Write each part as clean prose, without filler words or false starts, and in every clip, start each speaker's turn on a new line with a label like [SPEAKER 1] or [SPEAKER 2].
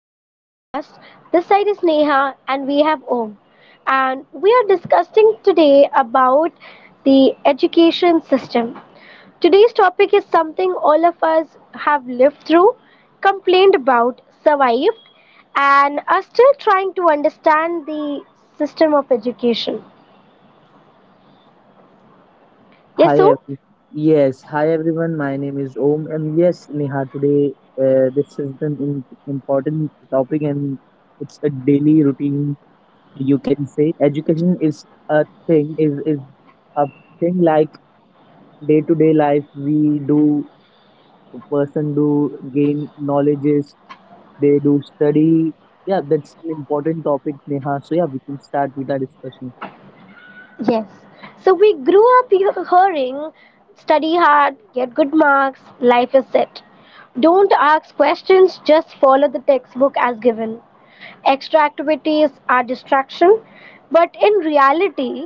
[SPEAKER 1] to our podcast. This side is Neha and we have Om. And we are discussing today about the education system. Today's topic is something all of us have lived through, complained about, survived, and are still trying to understand the system of education.
[SPEAKER 2] Hi,
[SPEAKER 1] Yes, Om?
[SPEAKER 2] every- yes, hi everyone. My name is Om, and yes, Neha, today this is an important topic, and it's a daily routine. You can say education is a thing, is a thing like day to day life. We do person do gain knowledges. They do study. Yeah, that's an important topic, Neha. So yeah, we can start with our discussion.
[SPEAKER 1] Yes. So we grew up hearing study hard, get good marks, life is set. Don't ask questions, just follow the textbook as given. Extra activities are distraction, but in reality,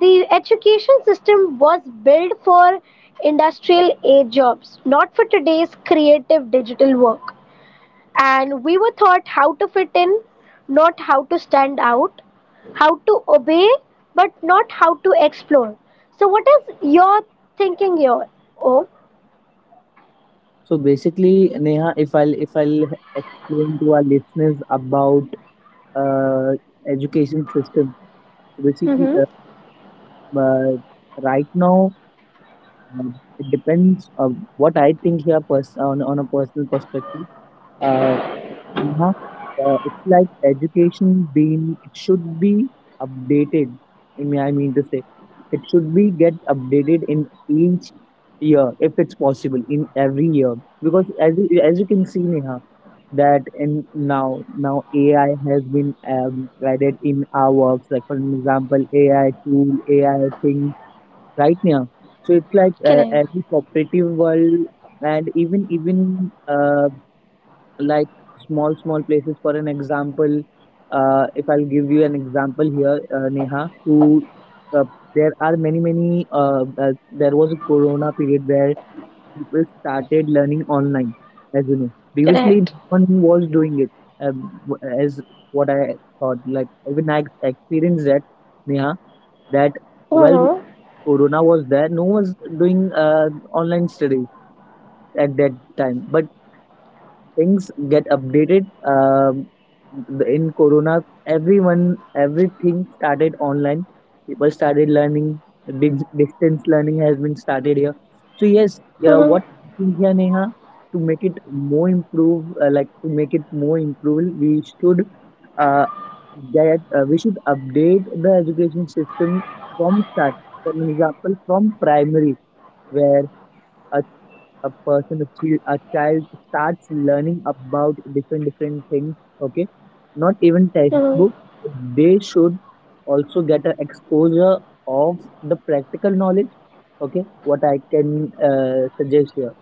[SPEAKER 1] the education system was built for industrial age jobs, not for today's creative digital work. And we were taught how to fit in, not how to stand out, how to obey, but not how to explore. So, what is your thinking here? Oh,
[SPEAKER 2] So basically, Neha, if I'll explain to our listeners about uh, education system. So basically,
[SPEAKER 1] mm-hmm.
[SPEAKER 2] but right now it depends on what I think here on a personal perspective. Uh, yeah, it's like education being it should be updated. I mean to say it should be get updated in each year if it's possible in every year because as you can see, Neha, that in now AI has been added in our works like for an example, AI tool, AI thing right now, so it's like
[SPEAKER 1] Correct,
[SPEAKER 2] every cooperative world and even like small small places. For an example, if I'll give you an example here, Neha, uh, there are many many there was a corona period where people started learning online. As you know, previously
[SPEAKER 1] correct.
[SPEAKER 2] no one was doing it. As what I thought, like even I experienced that, Neha, that while
[SPEAKER 1] Mm-hmm.
[SPEAKER 2] corona was there, no one was doing online studies at that time, but things get updated. Um, in Corona, everyone, everything started online. People started learning. Distance learning has been started here. So yes, yeah,
[SPEAKER 1] Mm-hmm.
[SPEAKER 2] what we think here, Neha, to make it more improve, like to make it more improve, we should uh, get we should update the education system from start. For example, from primary, where a a child starts learning about different different things, okay, not even
[SPEAKER 1] Mm-hmm.
[SPEAKER 2] textbook. They should also get an exposure of the practical knowledge. Okay, what I can suggest here.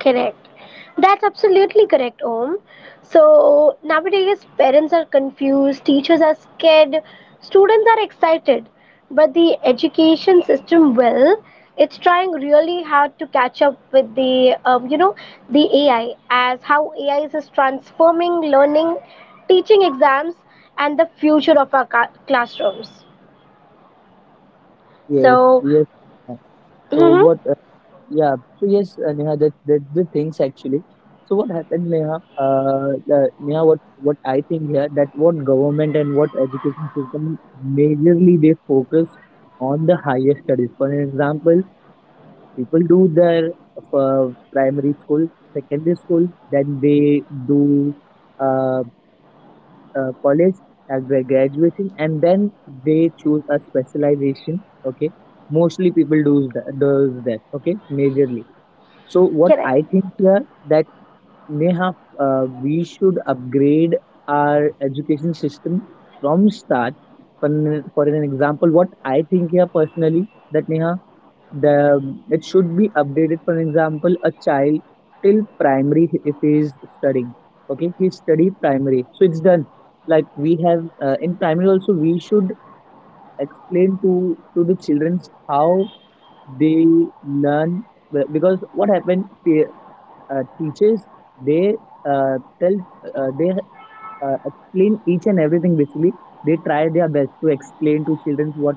[SPEAKER 1] Correct. That's absolutely correct, Om. So nowadays, parents are confused, teachers are scared, students are excited, but the education system will. It's trying really hard to catch up with the, the AI, as how AI is transforming learning, teaching exams, and the future of our classrooms.
[SPEAKER 2] Yes,
[SPEAKER 1] So,
[SPEAKER 2] yes. So
[SPEAKER 1] mm-hmm,
[SPEAKER 2] what? Yeah. So yes, Neha, that the things actually. So what happened, Neha? Neha, what I think here, that what government and what education system, majorly they focus on the higher studies. For example, people do their primary school, secondary school, then they do uh, college at their graduation, and then they choose a specialization. Okay, mostly people do does that. Okay, majorly, so what
[SPEAKER 1] correct.
[SPEAKER 2] I think here, that Neha, we should upgrade our education system from start. For an example, what I think here personally, that Neha, the it should be updated. For example, a child till primary if he is studying, okay, he study primary, so it's done. Like we have, in primary also, we should explain to the children how they learn. Because what happened, teachers they tell they explain each and everything. Basically, they try their best to explain to children what,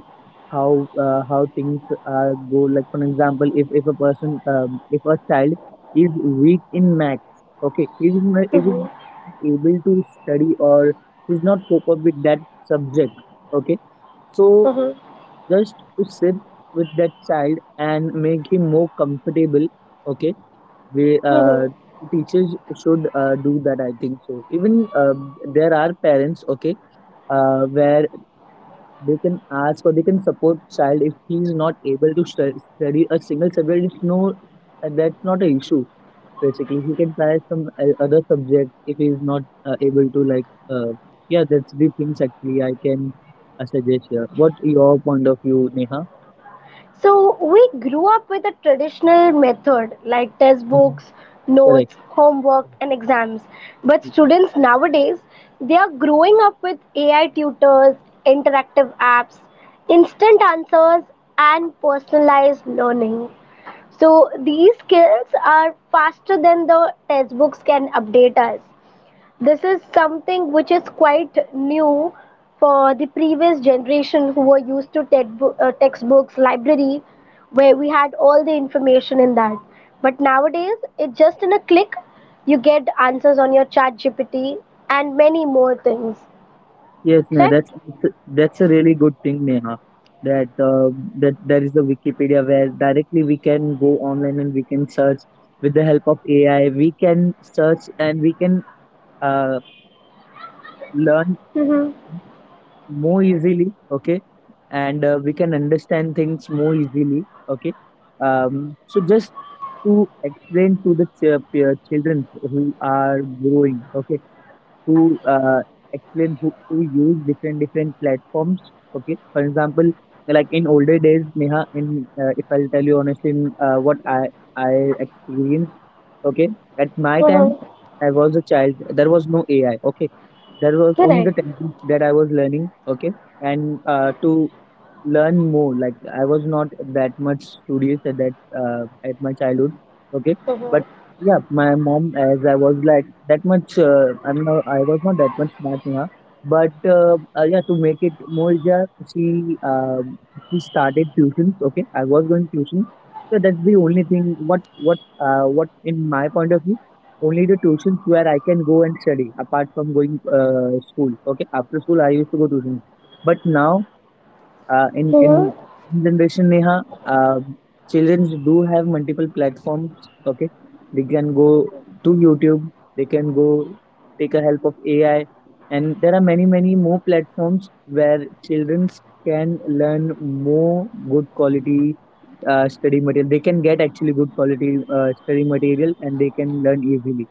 [SPEAKER 2] how things go. Like for example, if a person if a child is weak in maths. Okay, if he's
[SPEAKER 1] Mm-hmm,
[SPEAKER 2] not able to study, or he's not cope up with that subject, okay, so
[SPEAKER 1] mm-hmm,
[SPEAKER 2] just to sit with that child and make him more comfortable. Okay, they,
[SPEAKER 1] mm-hmm.
[SPEAKER 2] teachers should do that, I think so. Even there are parents, okay, where they can ask, or they can support child if he is not able to study a single subject. It's no, that's not an issue. Basically, he can try some other subjects if he is not able to, like. Yeah, that's the things actually I can suggest here. What your point of view, Neha?
[SPEAKER 1] So we grew up with a traditional method like test
[SPEAKER 2] Mhm.
[SPEAKER 1] books,
[SPEAKER 2] Correct.
[SPEAKER 1] notes, homework, and exams. But students nowadays, they are growing up with AI tutors, interactive apps, instant answers, and personalized learning. So these skills are faster than the textbooks can update us. This is something which is quite new for the previous generation who were used to textbooks, library, where we had all the information in that. But nowadays, it's just in a click, you get answers on your chat GPT and many more things.
[SPEAKER 2] Yes, Neha,
[SPEAKER 1] Correct?
[SPEAKER 2] that's a really good thing, Neha. That that there is a Wikipedia where directly we can go online and we can search with the help of AI. We can search and we can uh, learn
[SPEAKER 1] Mm-hmm.
[SPEAKER 2] more easily. Okay, and we can understand things more easily. Okay, so just to explain to the children who are growing. Okay, to explain who to use different different platforms. Okay, for example, like in older days, Neha, in if I'll tell you honestly, in, what I experienced. Okay, at my
[SPEAKER 1] Mm-hmm.
[SPEAKER 2] time, I was a child. There was no AI. Okay, there was only the
[SPEAKER 1] Correct.
[SPEAKER 2] techniques that I was learning. Okay, and to learn more. Like I was not that much studious at that at my childhood. Okay,
[SPEAKER 1] Mm-hmm.
[SPEAKER 2] but yeah, my mom, as I was like that much. I'm not. I was not that much smart, Neha. But yeah, to make it more easier, she started tuitions. Okay, I was going tuition, so that's the only thing. What in my point of view, only the tuitions where I can go and study apart from going school. Okay, after school I used to go tuition, but now uh, in
[SPEAKER 1] Mm-hmm.
[SPEAKER 2] in generation, Neha, children do have multiple platforms. Okay, they can go to YouTube, they can go take a help of AI, and there are many many more platforms where children can learn more good quality study material. They can get actually good quality study material, and they can learn easily.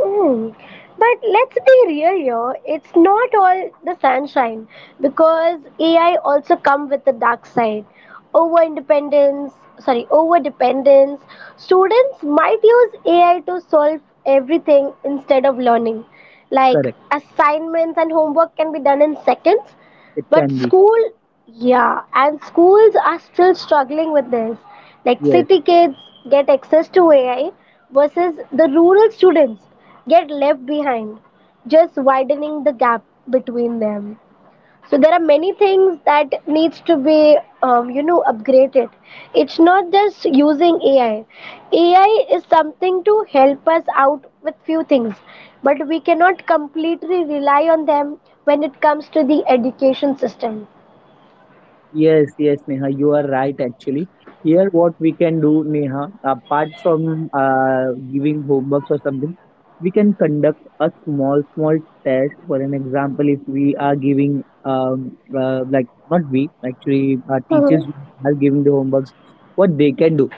[SPEAKER 1] Mm. But let's be real here, it's not all the sunshine because AI also come with the dark side. Over independence, sorry, over dependence. Students might use AI to solve everything instead of learning. Like
[SPEAKER 2] Correct,
[SPEAKER 1] assignments and homework can be done in seconds,
[SPEAKER 2] it
[SPEAKER 1] but
[SPEAKER 2] can be
[SPEAKER 1] school, yeah, and schools are still struggling with this. Like
[SPEAKER 2] yes.
[SPEAKER 1] city kids get access to AI versus the rural students get left behind, just widening the gap between them. So there are many things that needs to be upgraded. It's not just using AI. AI is something to help us out with few things, but we cannot completely rely on them when it comes to the education system.
[SPEAKER 2] Yes, yes, Neha, you are right actually. Here, what we can do, Neha, apart from giving homeworks or something, we can conduct a small, small test. For an example, if we are giving, like, not we, actually, our
[SPEAKER 1] Hmm.
[SPEAKER 2] teachers are giving the homeworks, what they can do,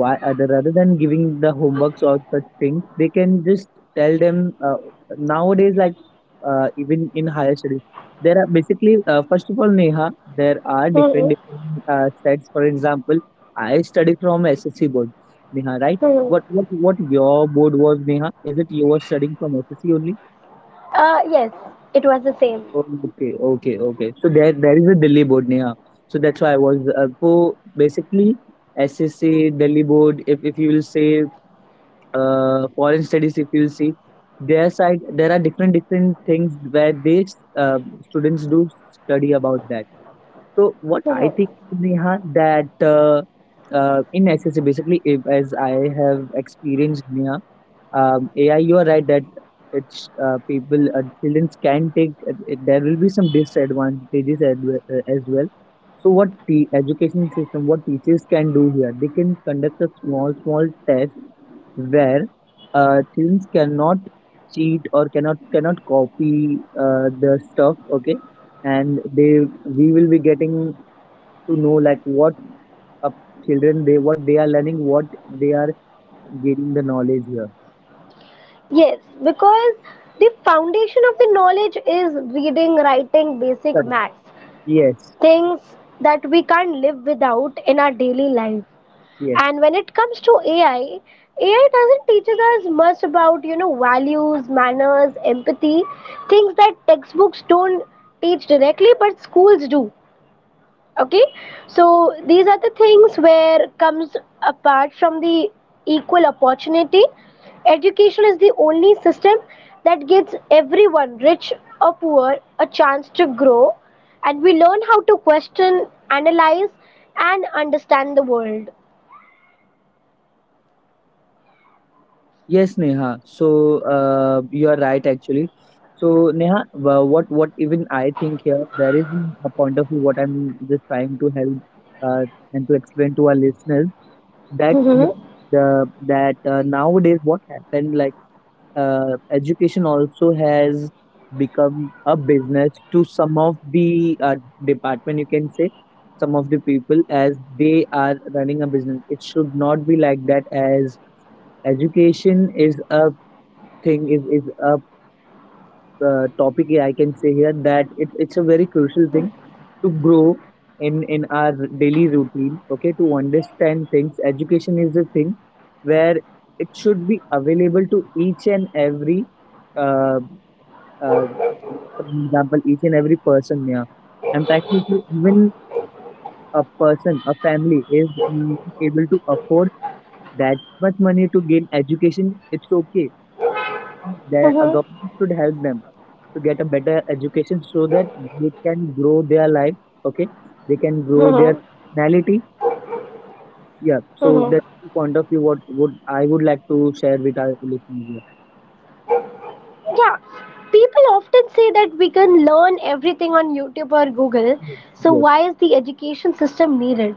[SPEAKER 2] why other rather than giving the homeworks or such things, they can just tell them. Nowadays, like even in higher studies, there are basically, first of all, Neha, there are different
[SPEAKER 1] Hmm.
[SPEAKER 2] different sets. For example, I study from SSC board, Neha, right?
[SPEAKER 1] Hmm.
[SPEAKER 2] What what your board was, Neha? Is it you were studying from SSC only?
[SPEAKER 1] Yes, it was the same.
[SPEAKER 2] Okay, okay, okay, so there is a Delhi board, Neha. So that's why I was so basically SSC, Delhi Board, if you will say, foreign studies, if you see their side, there are different different things where they students do study about that. So what I think,
[SPEAKER 1] Hmm.
[SPEAKER 2] Neha, that in SSA basically, if, as I have experienced, Neha, AI, you are right that it's children can take. It, there will be some disadvantages as well. So, what the education system, what teachers can do here, they can conduct a small, small test where children cannot cheat, or cannot copy the stuff. Okay, and they we will be getting to know, like what up children they, what they are learning, what they are gaining the knowledge here.
[SPEAKER 1] Yes, because the foundation of the knowledge is reading, writing, basic maths.
[SPEAKER 2] Yes,
[SPEAKER 1] Things that we can't live without in our daily life.
[SPEAKER 2] yes.
[SPEAKER 1] And when it comes to AI, AI doesn't teach us much about, you know, values, manners, empathy, things that textbooks don't teach directly but schools do. Okay, so these are the things where comes apart from the equal opportunity, education is the only system that gives everyone rich or poor a chance to grow, and we learn how to question, analyze, and understand the world.
[SPEAKER 2] Yes, Neha. So, you are right actually. So, Neha, what even I think here, there is a point of view what I'm just trying to help uh, and to explain to our listeners that the
[SPEAKER 1] Mhm.
[SPEAKER 2] that nowadays what happened, like education also has become a business to some of the department you can say, some of the people as they are running a business. It should not be like that, as education is a thing, is a topic. Yeah, I can say here that it's a very crucial thing to grow in our daily routine. Okay, to understand things, education is a thing where it should be available to each and every uh, uh, for example, each and every person here. And practically, even a person, a family is not able to afford that much money to gain education. It's okay that a
[SPEAKER 1] Mhm.
[SPEAKER 2] government should help them to get a better education so that they can grow their life, okay, they can grow their
[SPEAKER 1] Mhm.
[SPEAKER 2] personality. Yeah, so
[SPEAKER 1] Mhm.
[SPEAKER 2] that's the point of view what would I would like to share with our listeners here.
[SPEAKER 1] Yeah, people often say that we can learn everything on YouTube or Google, so
[SPEAKER 2] Yes,
[SPEAKER 1] why is the education system needed?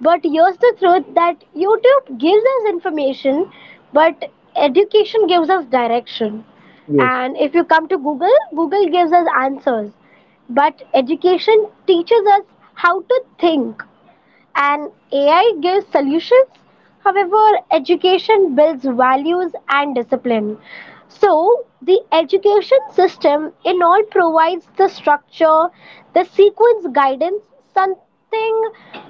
[SPEAKER 1] But here's the truth that YouTube gives us information, but education gives us direction.
[SPEAKER 2] yes,
[SPEAKER 1] And if you come to Google, Google gives us answers. But education teaches us how to think, and AI gives solutions. However, education builds values and discipline. So, the education system in all provides the structure, the sequence guidance, something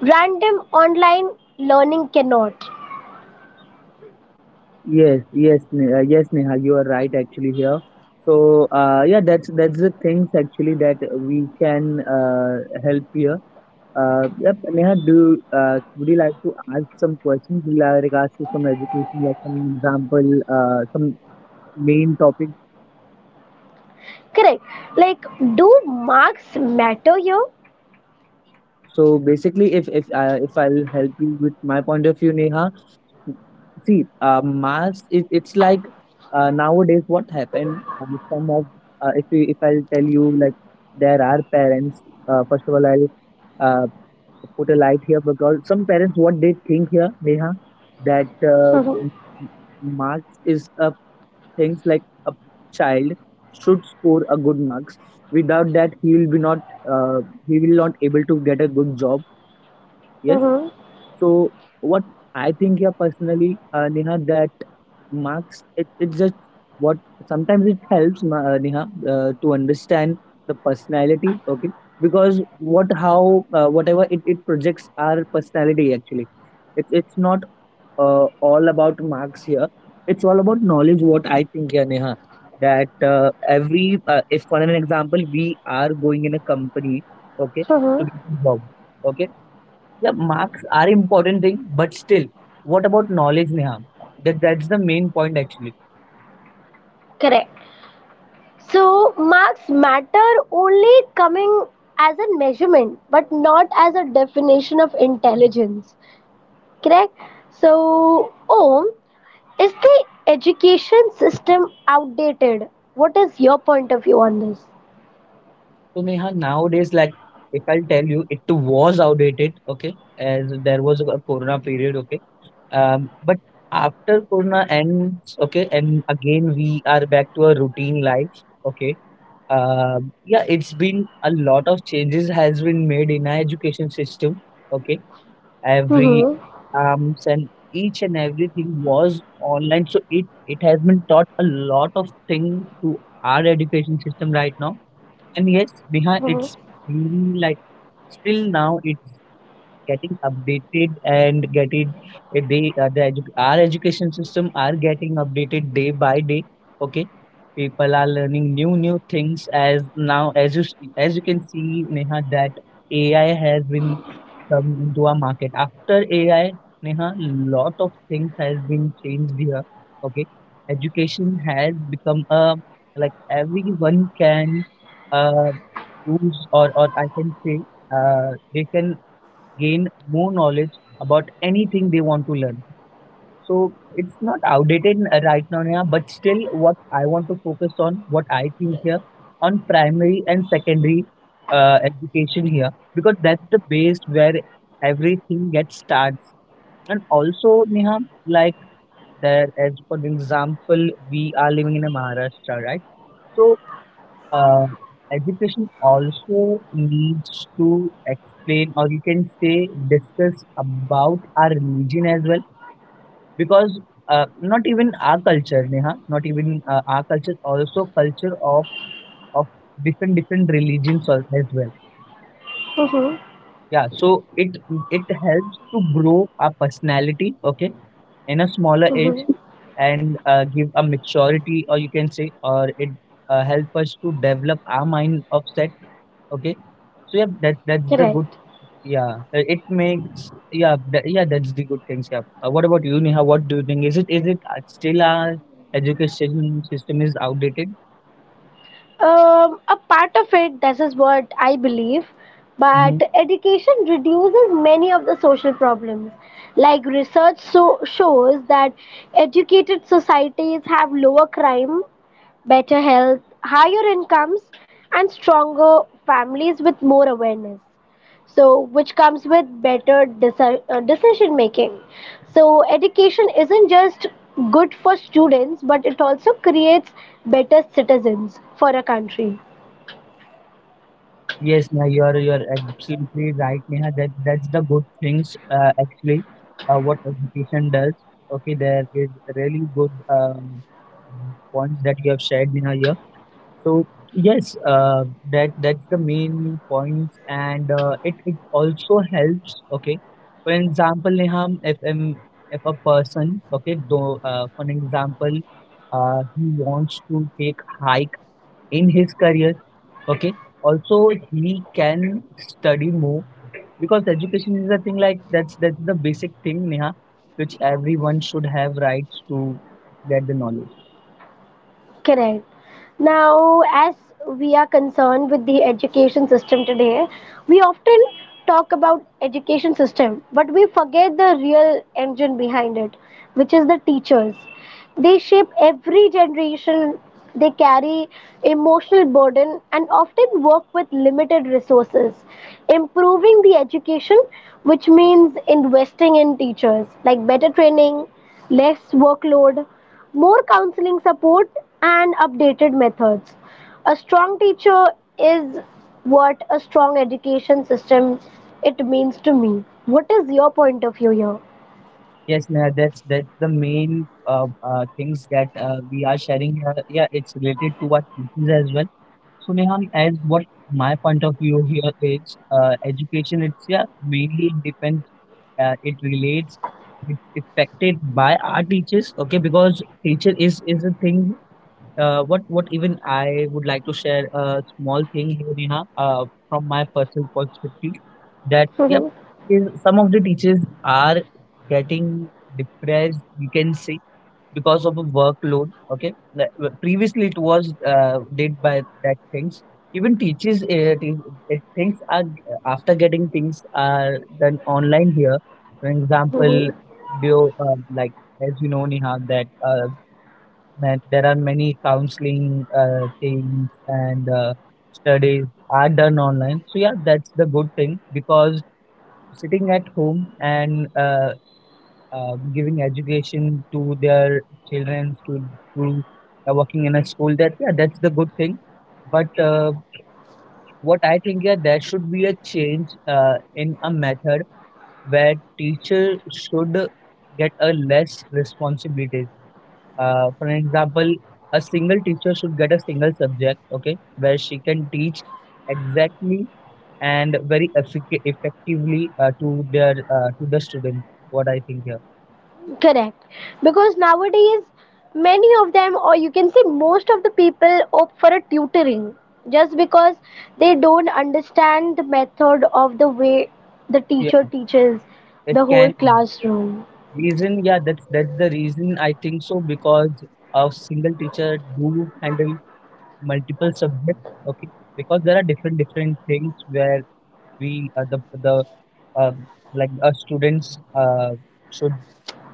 [SPEAKER 1] random online learning cannot.
[SPEAKER 2] yes, yes. Yes, Neha, you are right actually here. So yeah, that's the things actually that we can help here. Yep, Neha, do would you like to ask some questions in regards to some education, like some example, some main topic?
[SPEAKER 1] Correct. Like, do marks matter here?
[SPEAKER 2] So basically, if I'll help you with my point of view, Neha, see, mass it, it's like nowadays what happened. Some of if you, if I'll tell you, like there are parents. First of all, I'll uh, put a light here because some parents what they think here, Neha, that uh, m- marks is a things like a child should score a good marks, without that he will be not uh, he will not able to get a good job, yes. So what I think here personally, Neha, that marks it just what sometimes it helps Neha to understand the personality. Okay, because what how whatever it projects our personality actually. It's not all about marks here. It's all about knowledge. What I think here, Neha, that every if for an example we are going in a company, okay, to get a job, okay, yeah, marks are important thing, but still, what about knowledge, Neha? That's the main point actually.
[SPEAKER 1] Correct. So marks matter only coming as a measurement, but not as a definition of intelligence. Correct? So, Om, is the education system outdated? What is your point of view on this?
[SPEAKER 2] So Neha, nowadays, like if I'll tell you, it was outdated, okay, as there was a Corona period, okay. But after Corona ends, okay, and again we are back to a routine life, okay. Yeah, it's been a lot of changes has been made in our education system, okay. Every
[SPEAKER 1] Mm-hmm.
[SPEAKER 2] arms and each and everything was online. So it has been taught a lot of things to our education system right now. And yes, behind it's
[SPEAKER 1] Mm-hmm.
[SPEAKER 2] been like still now it's getting updated and getting our education system are getting updated day by day. Okay, people are learning new new things as now as as you can see, Neha, that AI has been the Goa market. After AI, Neha, lot of things has been changed here. Okay, education has become a like everyone can uh, use or I can say they can gain more knowledge about anything they want to learn. So it's not outdated right now, Neha. But still what I want to focus on, what I think here, on primary and secondary education here, because that's the base where everything gets starts. And also, Neha, like there, as for example, we are living in a Maharashtra, right? So uh, education also needs to explain, or you can say, discuss about our religion as well, because not even our culture, Neha, not even our culture also culture of different different religions as well.
[SPEAKER 1] Mm-hmm.
[SPEAKER 2] Yeah, so it it helps to grow our personality, okay, in a smaller age
[SPEAKER 1] Mm-hmm.
[SPEAKER 2] and give a maturity or you can say or it help us to develop our mind of set, okay. So yeah, that's the
[SPEAKER 1] Correct.
[SPEAKER 2] good, yeah, it makes yeah tha- yeah that's the good things. Yeah. What about you, Neha? What do you think? Is it still our education system is outdated?
[SPEAKER 1] A part of it, this is what I believe,
[SPEAKER 2] Hmm.
[SPEAKER 1] but education reduces many of the social problems. Like research shows that educated societies have lower crime, better health, higher incomes, and stronger families with more awareness. So, which comes with better decision making. So, education isn't just good for students, but it also creates better citizens for a country.
[SPEAKER 2] Yes, Neha, you are absolutely right, Neha. That's the good things actually. What education does. Okay, there is really good points that you have shared, Neha. So yes, that's the main point, points, and it it also helps. Okay, for example, Neham, if a person, okay, though, for an example, he wants to take hike in his career, okay, also he can study more, because education is a thing like that's the basic thing, Neha, which everyone should have rights to get the knowledge.
[SPEAKER 1] Correct. Now, as we are concerned with the education system today, we often talk about education system, but we forget the real engine behind it, which is the teachers. They shape every generation, they carry emotional burden and often work with limited resources. Improving the education, which means investing in teachers, like better training, less workload, more counseling support, and updated methods. A strong teacher is what a strong education system it means to me. What is your point of view
[SPEAKER 2] Yes, Neha, that's the main things that we are sharing here. Yeah, it's related to our teachings as well. So Neha, as what my point of view here is, education. It's yeah mainly depends. It relates. It's affected by our teachers. Okay, because teacher is a thing what even I would like to share a small thing here, Neha, from my personal perspective, that yep,
[SPEAKER 1] here?
[SPEAKER 2] is some of the teachers are getting depressed, we can say, because of a workload. Okay, like, previously it was did by that things. Even teachers, things are after getting things are done online here. For example, video like as you know, Neha, that that there are many counseling things and studies are done online. So yeah, that's the good thing, because sitting at home and giving education to their children to working in a school, that yeah that's the good thing. But what I think yeah there should be a change in a method where teacher should get a less responsibilities, for an example, a single teacher should get a single subject, okay, where she can teach exactly and very effectively to the students. What I think here,
[SPEAKER 1] Correct. Because nowadays, many of them, or you can say most of the people, opt for a tutoring just because they don't understand the method of the way the
[SPEAKER 2] yeah,
[SPEAKER 1] teacher teaches
[SPEAKER 2] it
[SPEAKER 1] the whole
[SPEAKER 2] can
[SPEAKER 1] classroom.
[SPEAKER 2] reason. Yeah, that's the reason I think so, because a single teacher do handle multiple subjects, okay, because there are different different things where we the um, like students should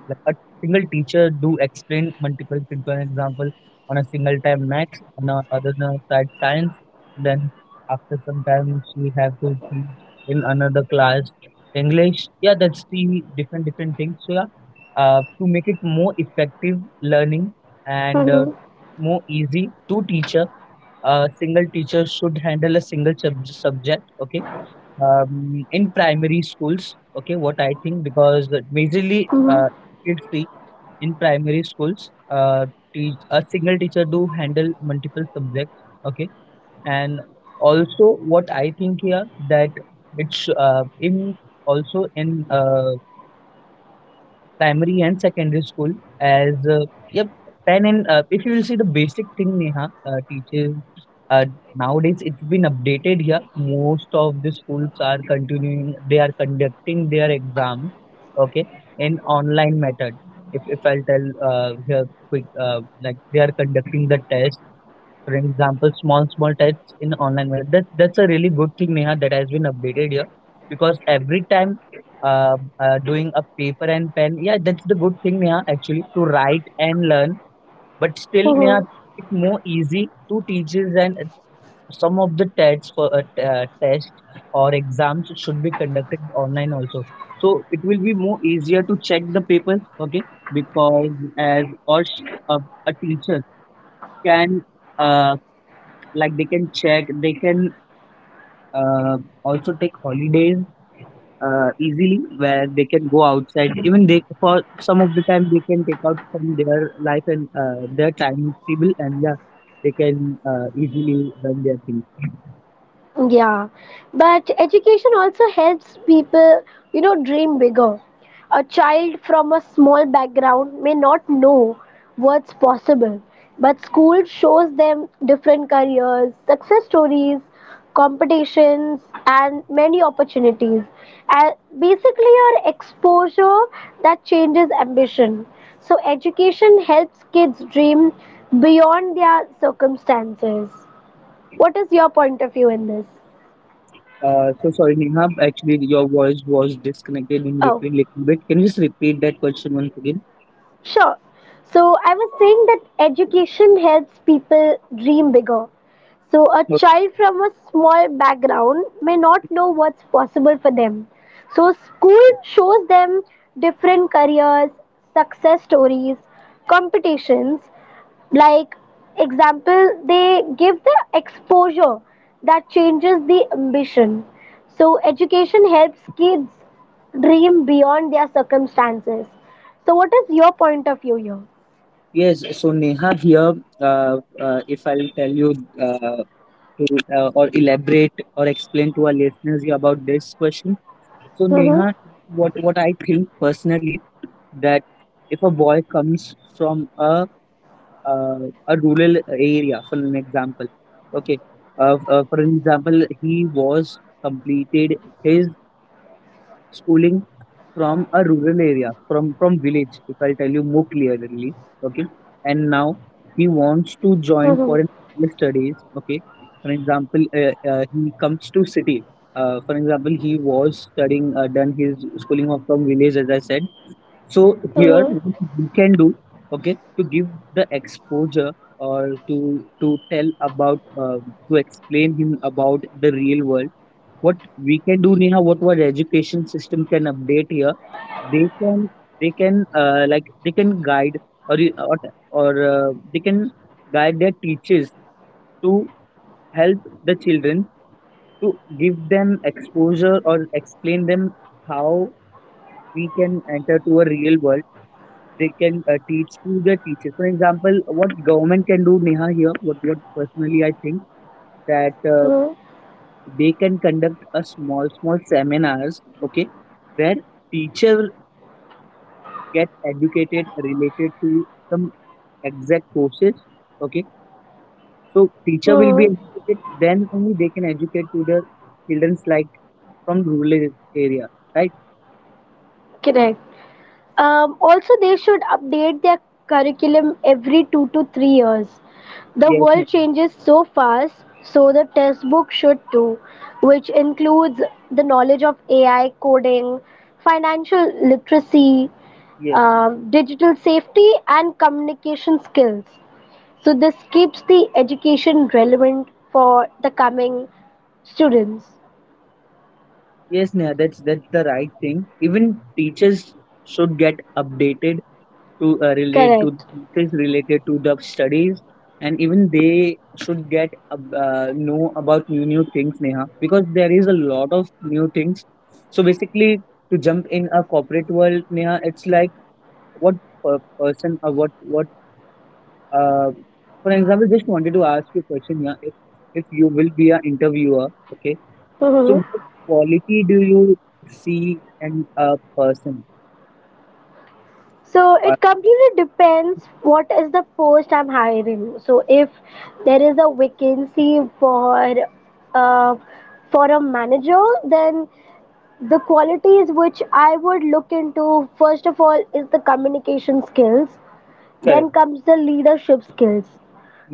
[SPEAKER 2] like a single teacher do explain multiple things. For example, on a single time maths, on a other than side science. Then after some time, she have to teach in another class English. Yeah, that's the different different things. So yeah, to make it more effective learning and
[SPEAKER 1] Mm-hmm.
[SPEAKER 2] more easy to teacher, a single teacher should handle a single subject. Okay, in primary schools. Okay, what I think, because majorly you'll see in primary schools, a single teacher do handle multiple subjects. Okay, and also what I think here, that it's in also in primary and secondary school as yep pen and if you will see the basic thing, Neha, teaches uh, nowadays it's been updated here, most of the schools are continuing, they are conducting their exams, okay, in online method. If I'll tell here quick, like they are conducting the test, for example, small small tests in online method. That's a really good thing, Neha, that has been updated here. Because every time doing a paper and pen. Yeah, that's the good thing, Neha, actually, to write and learn. But still, Neha,
[SPEAKER 1] Mm-hmm.
[SPEAKER 2] it's more easy to teachers and some of the tests for test or exams should be conducted online also. So it will be more easier to check the papers, okay? Because as a teacher can uh, like they can check, they can uh, also take holidays easily, where they can go outside, even they for some of the time they can take out from their life and their timetable, and yeah, they can easily run their thing.
[SPEAKER 1] Yeah, but education also helps people, dream bigger. A child from a small background may not know what's possible, but school shows them different careers, success stories, competitions, and many opportunities. And basically, our exposure that changes ambition. So, education helps kids dream beyond their circumstances. What is your point of view in this?
[SPEAKER 2] So sorry, Neha. Actually your voice was disconnected in
[SPEAKER 1] Oh,
[SPEAKER 2] between little bit, can you just repeat that question once again?
[SPEAKER 1] sure. So I was saying that education helps people dream bigger. So a
[SPEAKER 2] Okay.
[SPEAKER 1] child from a small background may not know what's possible for them. So school shows them different careers, success stories, competitions, like example they give the exposure that changes the ambition. So education helps kids dream beyond their circumstances. So what is your point of view here?
[SPEAKER 2] Yes, so Neha here, uh, if I'll tell you to or elaborate or explain to our listeners here about this question. So
[SPEAKER 1] Mm-hmm.
[SPEAKER 2] Neha, what I think personally, that if a boy comes from uh, a rural area, for an example, okay, for an example, he was completed his schooling from a rural area, from village, if I tell you more clearly, okay, and now he wants to join
[SPEAKER 1] Mm-hmm.
[SPEAKER 2] for an higher studies, okay. For example, he comes to city. For example, he was studying, done his schooling from village, as I said. So here,
[SPEAKER 1] Mm-hmm.
[SPEAKER 2] what we can do, okay, to give the exposure or to tell about to explain him about the real world. What we can do, Neha, what our education system can update here, they can like they can guide or or, or they can guide their teachers to help the children, to give them exposure or explain them how we can enter to a real world. They can teach to their teachers. For example, what government can do, Neha, here, what personally I think, that
[SPEAKER 1] Mm-hmm.
[SPEAKER 2] they can conduct a small, small seminars, okay, where teacher get educated related to some exact courses, okay. So teacher will be educated, then only they can educate to the childrens, like from rural area, right?
[SPEAKER 1] Correct. Also, they should update their curriculum every 2 to 3 years. The
[SPEAKER 2] Yes,
[SPEAKER 1] world
[SPEAKER 2] Neha.
[SPEAKER 1] changes so fast, so the textbook should too, which includes the knowledge of AI coding, financial literacy,
[SPEAKER 2] Yes,
[SPEAKER 1] digital safety, and communication skills. So, this keeps the education relevant for the coming students.
[SPEAKER 2] yes, Neha. That's the right thing. Even teachers should get updated to relate to
[SPEAKER 1] Correct.
[SPEAKER 2] things related to the studies, and even they should get know about new new things, Neha, because there is a lot of new things. So basically, to jump in a corporate world, Neha, it's like what per person or what what uh, for example, just wanted to ask you a question, yeah, if you will be an interviewer, okay,
[SPEAKER 1] Hmm.
[SPEAKER 2] so what quality do you see in a person?
[SPEAKER 1] So
[SPEAKER 2] Uh,
[SPEAKER 1] it completely depends what is the post I'm hiring. So if there is a vacancy uh, for a manager, then the qualities which I would look into first of all is the communication skills.
[SPEAKER 2] correct,
[SPEAKER 1] Then comes the leadership skills.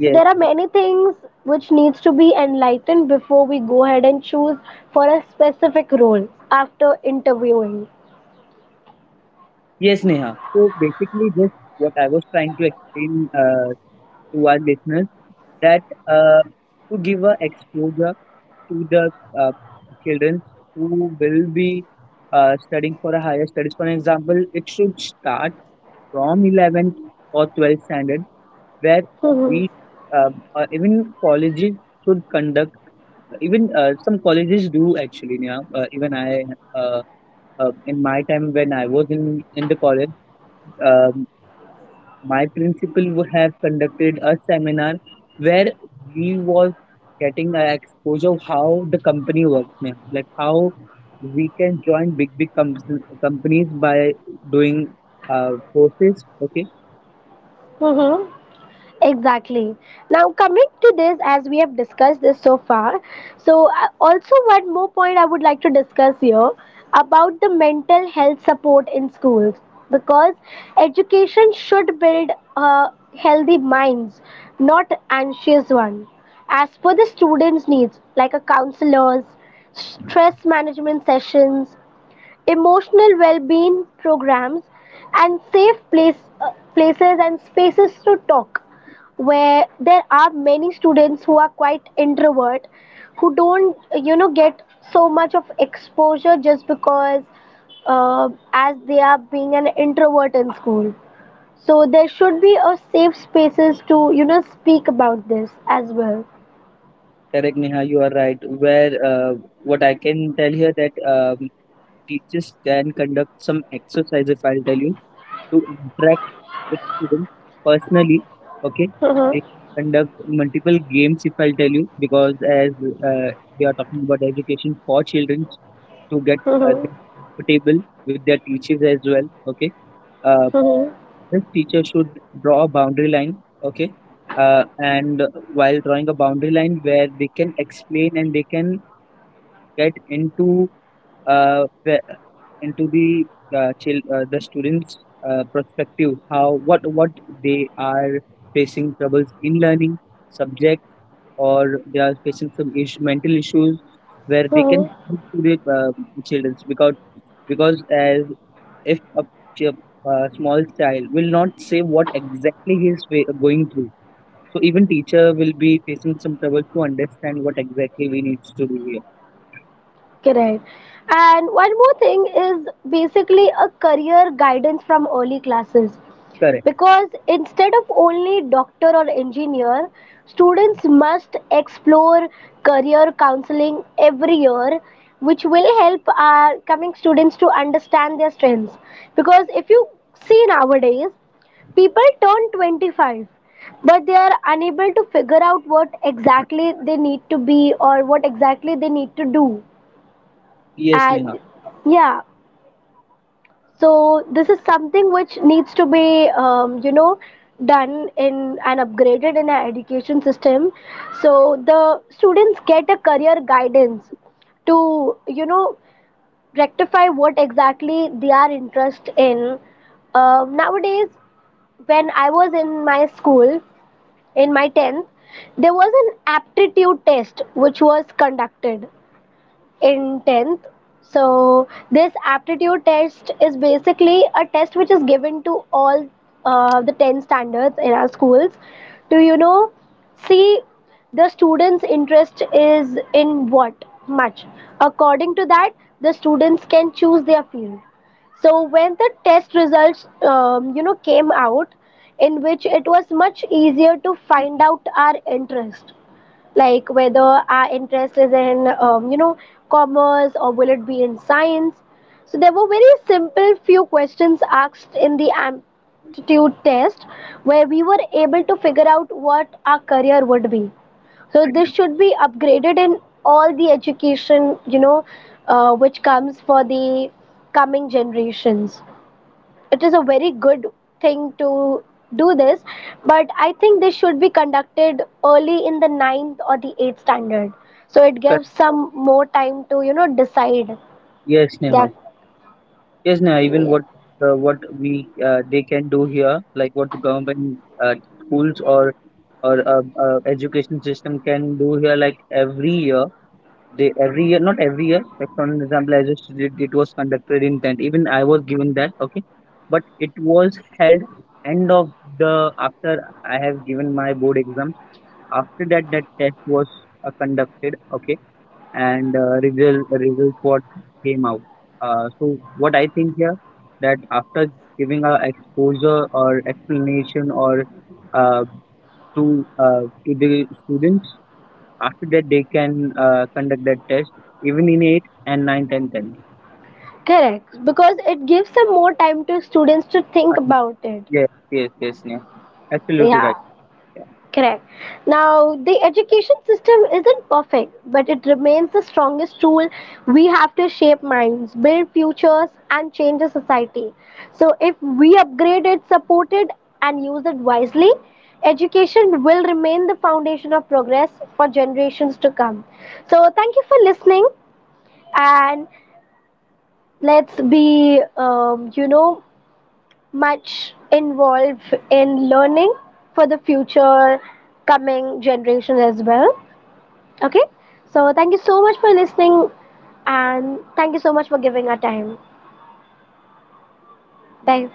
[SPEAKER 1] So there are many things which needs to be enlightened before we go ahead and choose for a specific role after interviewing.
[SPEAKER 2] Yes, Neha. So basically, just what I was trying to explain, to our listeners, that uh, to give a exposure to the uh, children who will be studying for a higher studies. For example, it should start from 11th or 12th standard, where
[SPEAKER 1] Mm-hmm.
[SPEAKER 2] we uh, even colleges should conduct, even some colleges do actually, Neha. Even I uh, in my time when I was in the college. Um, my principal would have conducted a seminar where we was getting an exposure of how the company works, ma'am. Like how we can join big big companies by doing courses. Okay,
[SPEAKER 1] Mm-hmm. Exactly. Now, coming to this, as we have discussed this so far, so also one more point I would like to discuss here about the mental health support in schools, because education should build uh, healthy minds, not anxious ones, as per the students' needs, like a counselors, stress management sessions, emotional well-being programs, and safe places and spaces to talk, where there are many students who are quite introvert, who don't get so much of exposure just because as they are being an introvert in school. So there should be a safe spaces to speak about this as well.
[SPEAKER 2] correct, Neha, you are right. Where what I can tell here, that teachers can conduct some exercise, if I'll tell you, to interact with students personally. Okay, they can conduct multiple games, if I'll tell you, because as uh, we are talking about education for children to get them comfortable with their teachers as well. Okay, uh, this teacher should draw a boundary line. Okay, and while drawing a boundary line, where they can explain and they can get into where and to the the students' perspective, how what they are facing troubles in learning subject, or they are facing some issue, mental issues, where they can help to the children, because as if a, ch- a small child will not say what exactly he is going through. So even teacher will be facing some trouble to understand what exactly we need to do here.
[SPEAKER 1] Correct. And one more thing is basically a career guidance from early classes.
[SPEAKER 2] Correct.
[SPEAKER 1] Because instead of only doctor or engineer, students must explore career counseling every year, which will help our coming students to understand their strengths. Because if you see nowadays, people turn 25 but they are unable to figure out what exactly they need to be or what exactly they need to do.
[SPEAKER 2] Yes, Neha.
[SPEAKER 1] And yeah, so this is something which needs to be done in and upgraded in our education system, so the students get a career guidance to rectify what exactly they are interested in. Nowadays, when I was in my school, in my 10th, there was an aptitude test which was conducted in 10th. So this aptitude test is basically a test which is given to all the 10 standards in our schools to see the students interest is in what much. According to that, the students can choose their field. So when the test results came out, in which it was much easier to find out our interest, like whether our interest is in commerce or will it be in science. So there were very simple few questions asked in the aptitude test where we were able to figure out what our career would be. So this should be upgraded in all the education, which comes for the coming generations. It is a very good thing to do this, but I think this should be conducted early in the ninth or the eighth standard, so it
[SPEAKER 2] Correct.
[SPEAKER 1] gives some more time to decide
[SPEAKER 2] Yes, Neha.
[SPEAKER 1] that.
[SPEAKER 2] Yes, now even
[SPEAKER 1] Yeah.
[SPEAKER 2] what we they can do here, like what the government schools or or education system can do here, like every year they every year not every year. Like for an example, as just it was conducted in tent. Even I was given that, okay, but it was held end of the after I have given my board exams. After that, that test was conducted. Okay, and results what came out. So what I think here, that after giving a exposure or explanation or uh, to uh, to the students, after that they can conduct that test even in eight and nine, ten, ten.
[SPEAKER 1] Correct, because it gives some more time to students to
[SPEAKER 2] Uh,
[SPEAKER 1] think about it.
[SPEAKER 2] yes, yes, yes, yeah. Absolutely
[SPEAKER 1] Yeah.
[SPEAKER 2] right.
[SPEAKER 1] Correct. Now, the education system isn't perfect, but it remains the strongest tool we have to shape minds, build futures, and change the society. So, if we upgrade it, support it, and use it wisely, education will remain the foundation of progress for generations to come. So, thank you for listening, and let's be, much involved in learning for the future coming generation as well. Okay, so thank you so much for listening and thank you so much for giving our time. Bye.